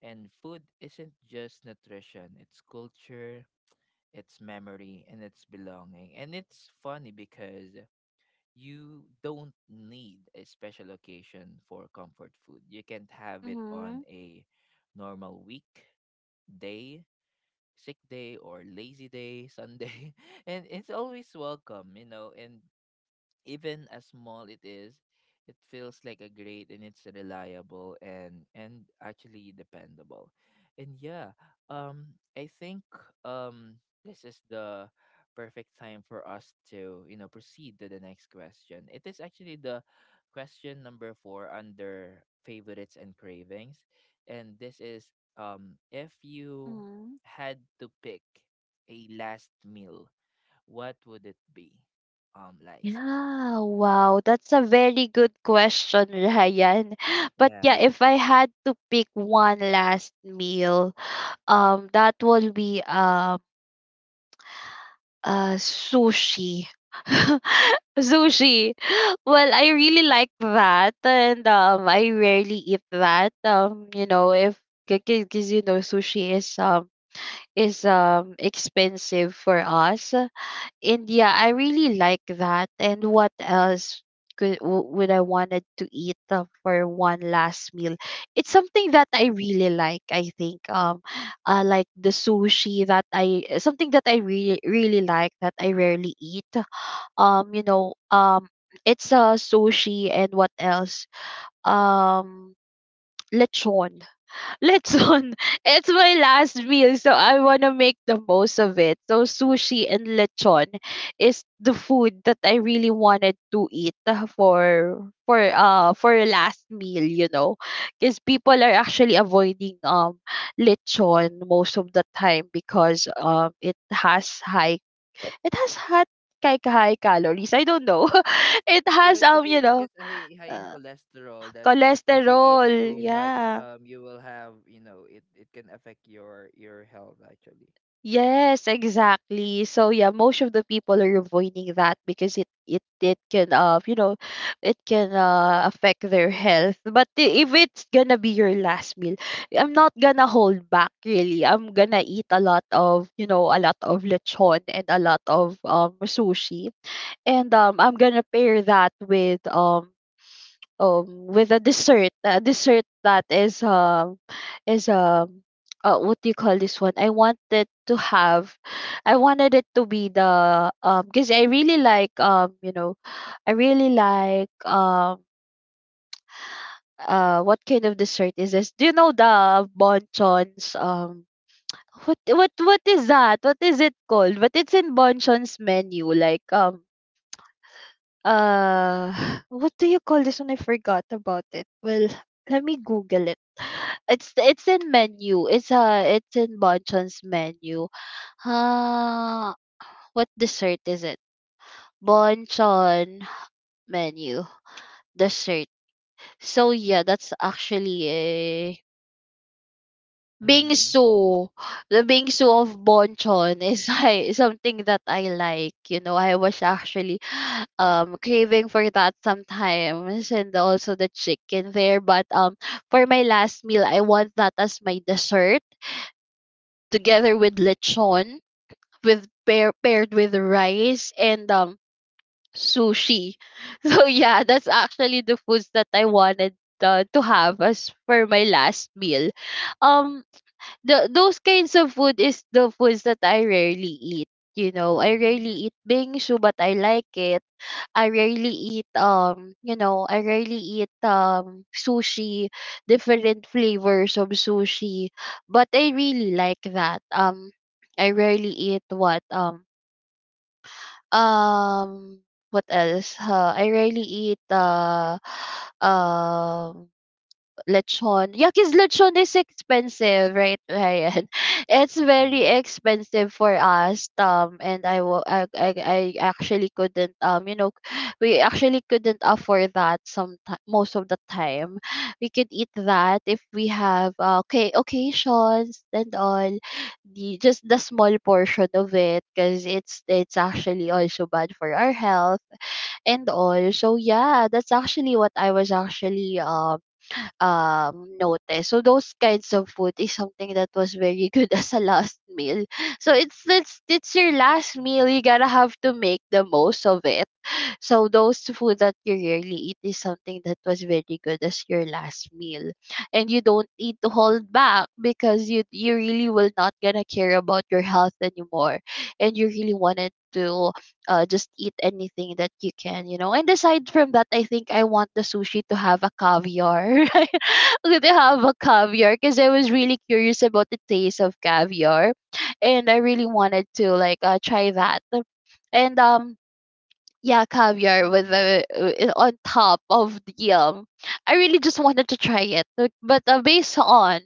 A: And food isn't just nutrition, it's culture, it's memory, and it's belonging. And it's funny because you don't need a special occasion for comfort food. You can have it on
B: Mm-hmm.
A: a normal week, day, sick day, or lazy day, Sunday. And it's always welcome, you know. And even as small it is, it feels like a great, and it's reliable and and actually dependable. And yeah, um I think um this is the perfect time for us to, you know, proceed to the next question. It is actually the question number four under favorites and cravings. And this is, um if you
B: Mm-hmm.
A: had to pick a last meal, what would it be? Um, Liza.
B: Yeah, wow. That's a very good question, Ryan. But yeah,
A: Yeah,
B: if I had to pick one last meal, um, that will be um Uh, sushi. Sushi. Well, I really like that, and um, I rarely eat that. Um, you know, if, because you know, sushi is um is um expensive for us, and yeah, I really like that. And what else could w- would I wanted to eat uh, for one last meal? It's something that I really like. I think um, uh, like the sushi that I uh, something that I really really like that I rarely eat. Um, you know, um, it's a uh, sushi and what else? Um, lechon let's on. It's my last meal, so I want to make the most of it. So sushi and lechon is the food that I really wanted to eat uh, for for uh for a last meal, you know. Cuz people are actually avoiding um lechon most of the time because um it has high it has had high high calories. I don't know. It has
A: because it
B: um you
A: i-
B: know
A: because high, high in
B: uh,
A: cholesterol that if you eat
B: cholesterol.
A: too much,
B: Yeah.
A: um, you will have, you know, it it can affect your your health actually.
B: Yes, exactly. So yeah, most of the people are avoiding that because it it it can uh you know it can uh affect their health. But i- if it's gonna be your last meal, I'm not gonna hold back really. I'm gonna eat a lot of you know a lot of lechon and a lot of um sushi, and um I'm gonna pair that with um um with a dessert a dessert that is um is um uh, what do you call this one? I wanted to have, I wanted it to be the um because I really like um you know I really like um uh what kind of dessert is this? Do you know the bonchons? Um what what what is that? What is it called? But it's in bonchon's menu like um uh what do you call this one? I forgot about it. Well, let me Google it. It's it's in menu. It's uh it's in Bonchon's menu. Ah, what dessert is it? Bonchon menu dessert. So yeah, that's actually
A: Mm-hmm.
B: bingsu. The bingsu of Bonchon is I, something that I like. You know, I was actually um craving for that sometimes and also the chicken there. But um for my last meal I want that as my dessert together with lechon with pair paired with rice and um sushi. So yeah, that's actually the foods that I wanted uh, to have as for my last meal. Um the those kinds of food is the foods that I rarely eat. You know, I
A: Mm-hmm.
B: rarely eat bingshu, but I like it. I rarely eat um, you know, I rarely eat um sushi, different flavors of sushi. But I really like that. Um, I rarely eat what um um what else? Uh, I rarely eat uh um lechon. Yeah, because lechon is expensive, right, Ryan? It's very expensive for us. Um, and I, wa- I, I, I actually couldn't, um, you know, we actually couldn't afford that some most of the time. We could eat that if we have, uh, okay, occasions and all, the, just the small portion of it, because it's, it's actually also bad for our health and all. So yeah, that's actually what I was actually, um, um, notice. So those kinds of food is something that was very good as a last meal. So it's it's it's your last meal. You gotta have to make the most of it, so those food that you rarely eat is something that was very good as your last meal. And you don't need to hold back because you you really will not gonna care about your health anymore. And you really wanted to uh, just eat anything that you can, you know. And aside from that, I think I want the sushi to have a caviar. Right? To have a caviar because I was really curious about the taste of caviar. And I really wanted to like uh, try that. And um yeah, caviar with
A: Mm-hmm.
B: the uh, uh, on top of the um. I really just wanted to try it, but but, uh, based on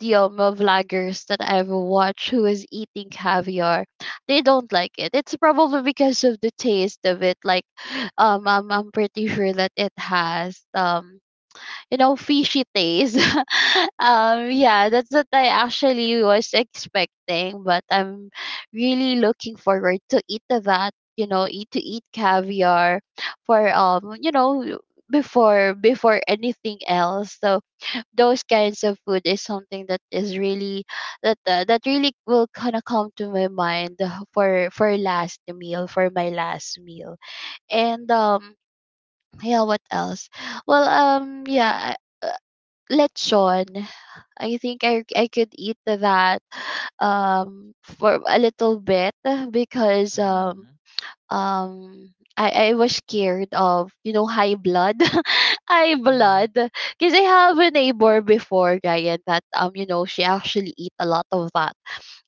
B: the um uh, vloggers that I've watched who is eating caviar, they don't like it. It's probably because of the taste of it. Like, um, I'm I'm pretty sure that it has um you know fishy taste um yeah, that's what I actually was expecting, but I'm really looking forward to eat of that, you know eat to eat caviar for um you know before before anything else. So those kinds of food is something that is really that uh, that really will kind of come to my mind for for last meal for my last meal. And um yeah, what else? Well, um yeah, lechon. I think I I could eat that um for a little bit because um
A: Mm-hmm.
B: um I, I was scared of you know high blood high
A: Mm-hmm.
B: blood because I have a neighbor before, Ryan, that um you know she actually eat a lot of that.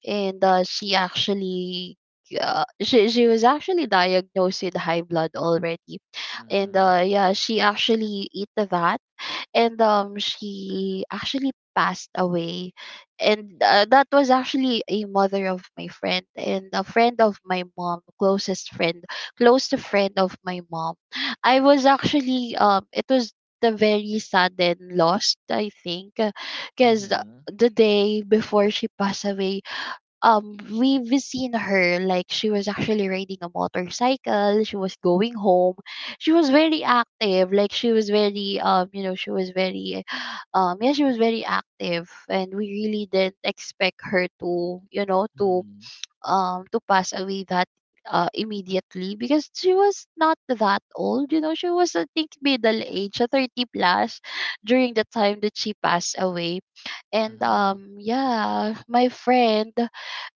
B: And uh, she actually uh, she she was actually diagnosed with high blood already. And uh yeah, she actually eat that, and um she actually passed away. And uh, that was actually a mother of my friend and a friend of my mom, closest friend, close to friend of my mom. I was actually um it was the very sudden loss I think, because
A: Mm-hmm.
B: the day before she passed away, um we we seen her, like she was actually riding a motorcycle, she was going home. She was very active, like she was very um you know she was very um yeah, she was very active, and we really didn't expect her to you know to
A: Mm-hmm.
B: um to pass away that uh, immediately, because she was not that old, you know. She was I think middle age, uh, thirty plus during the time that she passed away. And
A: Mm-hmm.
B: um yeah, my friend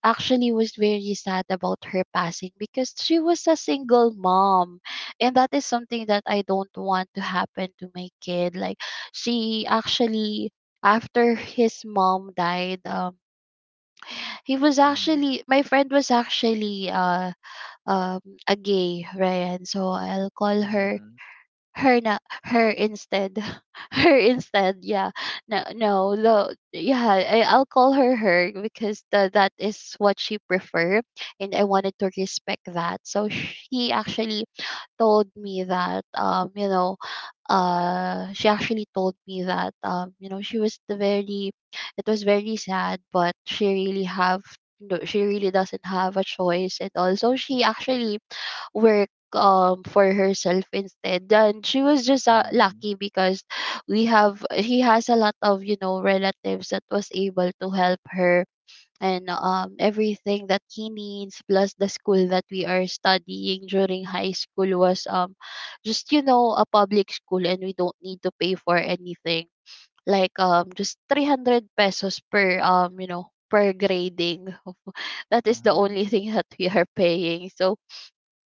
B: actually was very sad about her passing, because she was a single mom, and that is something that I don't want to happen to my kid. Like, she actually, after his mom died, um he was
A: Mm-hmm.
B: actually, my friend was actually uh um a gay, Ryan, so I'll call her
A: Mm-hmm.
B: her, na her instead. Her instead, yeah. No no the yeah, I, I'll call her her, because the, that is what she prefer, and I wanted to respect that. So she actually told me that um you know uh she actually told me that um you know she was the very, it was very sad, but she really have no, she really doesn't have a choice. And also she actually work um for herself instead. And she was just uh,
A: Mm-hmm.
B: lucky, because we have, he has a lot of you know relatives that was able to help her and um, everything that he needs, plus the school that we are studying during high school was um just you know a public school and we don't need to pay for anything like um just three hundred pesos per um you know per grading. That is the only
A: Mm-hmm.
B: thing that we are paying. So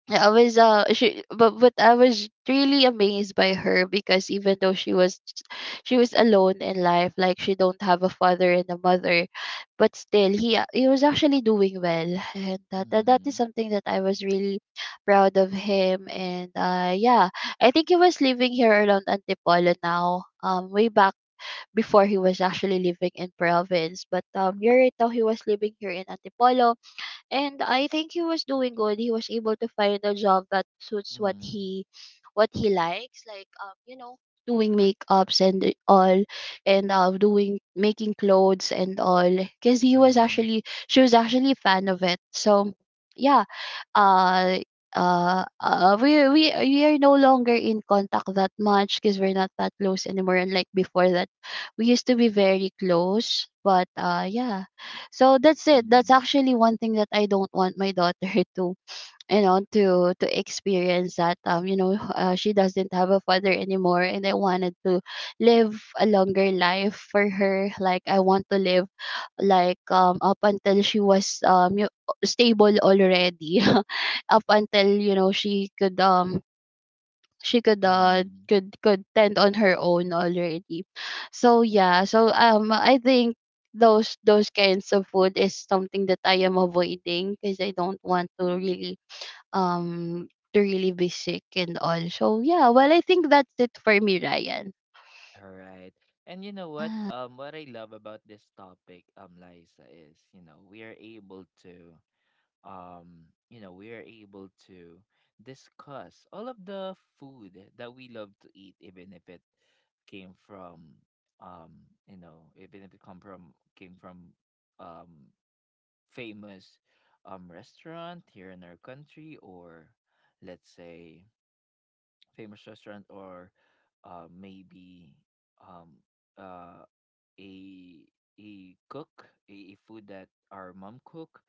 B: I was uh she, but but I was really amazed by her, because even though she was, she was alone in life, like she don't have a father and a mother, but still he a- he was actually doing well. And that that, that
A: Mm-hmm.
B: is something that I was really proud of him. And uh yeah, I think he was living here around Antipolo now. um way back before, he was actually living in province, but um you're right now he was living here in Antipolo. And I think he was doing good. He was able to find a job that suits what
A: Mm-hmm.
B: he what he likes, like um, you know, doing makeups and all, and uh, doing making clothes and all. Because he was
A: Mm-hmm.
B: actually, she was actually a fan of it. So yeah, uh uh, uh we we we are no longer in contact that much, because we're not that close anymore. And like before that, we used to be very close, but uh yeah. So that's it. That's
A: Mm-hmm.
B: actually one thing that I don't want my daughter to you know to to experience that, um you know uh, she doesn't have a father anymore, and I wanted to live a longer life for her. Like, I want to live like um up until she was um yo- stable already, up until you know she could um she could uh
A: Mm-hmm.
B: could could tend on her own already. So yeah, so um I think those those kinds of food is something that I am avoiding because I don't want to really um to really be sick and all. So yeah, well I think that's it for me, Ryan.
A: All right. And you know what?
B: Yeah.
A: Um, what I love about this topic, um, Liza, is, you know, we are able to, um, you know, we are able to discuss all of the food that we love to eat, even if it came from, um, you know, even if it come from came from um famous um restaurant here in our country, or let's say famous restaurant, or uh maybe um uh a a cook a, a food that our mom cook,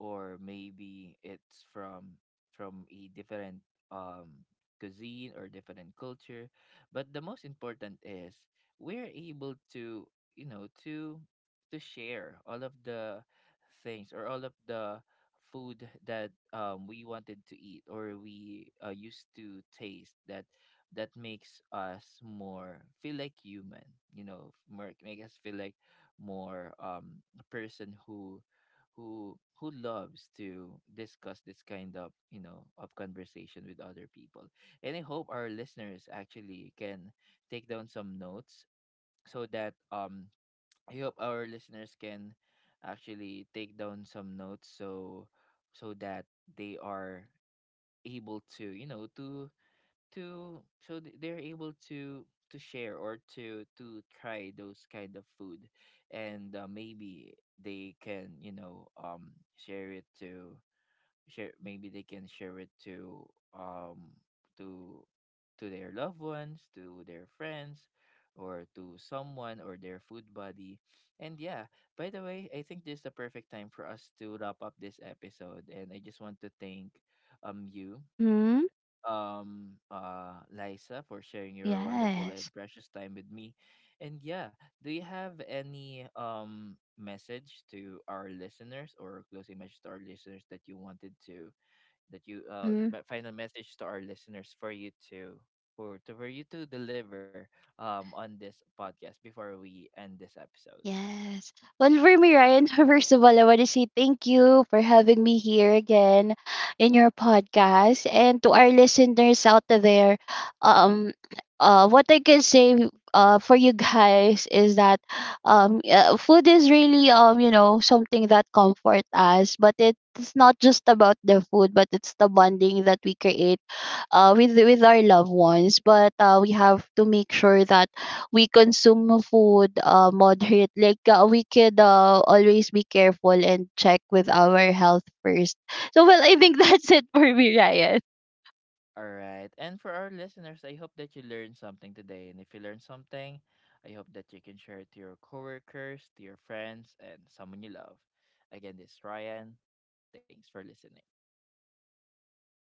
A: or maybe it's from from a different um cuisine or different culture. But the most important is we're able to, you know, to to share all of the things or all of the food that, um, we wanted to eat or we, uh, used to taste, that that makes us more feel like human. You know, f- more, make us feel like more, um a person who who who loves to discuss this kind of, you know, of conversation with other people. And I hope our listeners actually can take down some notes so that um I hope our listeners can actually take down some notes so so that they are able to, you know, to to so th- they're able to to share or to to try those kind of food. And uh, maybe they can, you know, um share it to, share maybe they can share it to, um to to their loved ones, to their friends, or to someone or their food buddy. And yeah, by the way, I think this is the perfect time for us to wrap up this episode. And I just want to thank um you
B: Mm-hmm.
A: um uh Liza for sharing your wonderful and
B: Yes.
A: precious time with me. And yeah, do you have any um message to our listeners, or closing message to our listeners that you wanted to, that you uh
B: Mm-hmm.
A: but final message to our listeners for you to, for to for you to deliver um on this podcast before we end this episode?
B: Yes. Well, for me, Ryan, first of all, I want to say thank you for having me here again in your podcast. And to our listeners out there, um, uh, what I can say uh, for you guys is that um, uh, food is really, um, you know, something that comfort us. But it's not just about the food, but it's the bonding that we create uh, with, with our loved ones. But uh, we have to make sure that we consume food uh, moderate, like uh, we could uh, always be careful and check with our health first. So well, I think that's it for me, Ryan.
A: All right. And for our listeners, I hope that you learned something today. And if you learned something, I hope that you can share it to your coworkers, to your friends, and someone you love. Again, this is Ryan. Thanks for listening.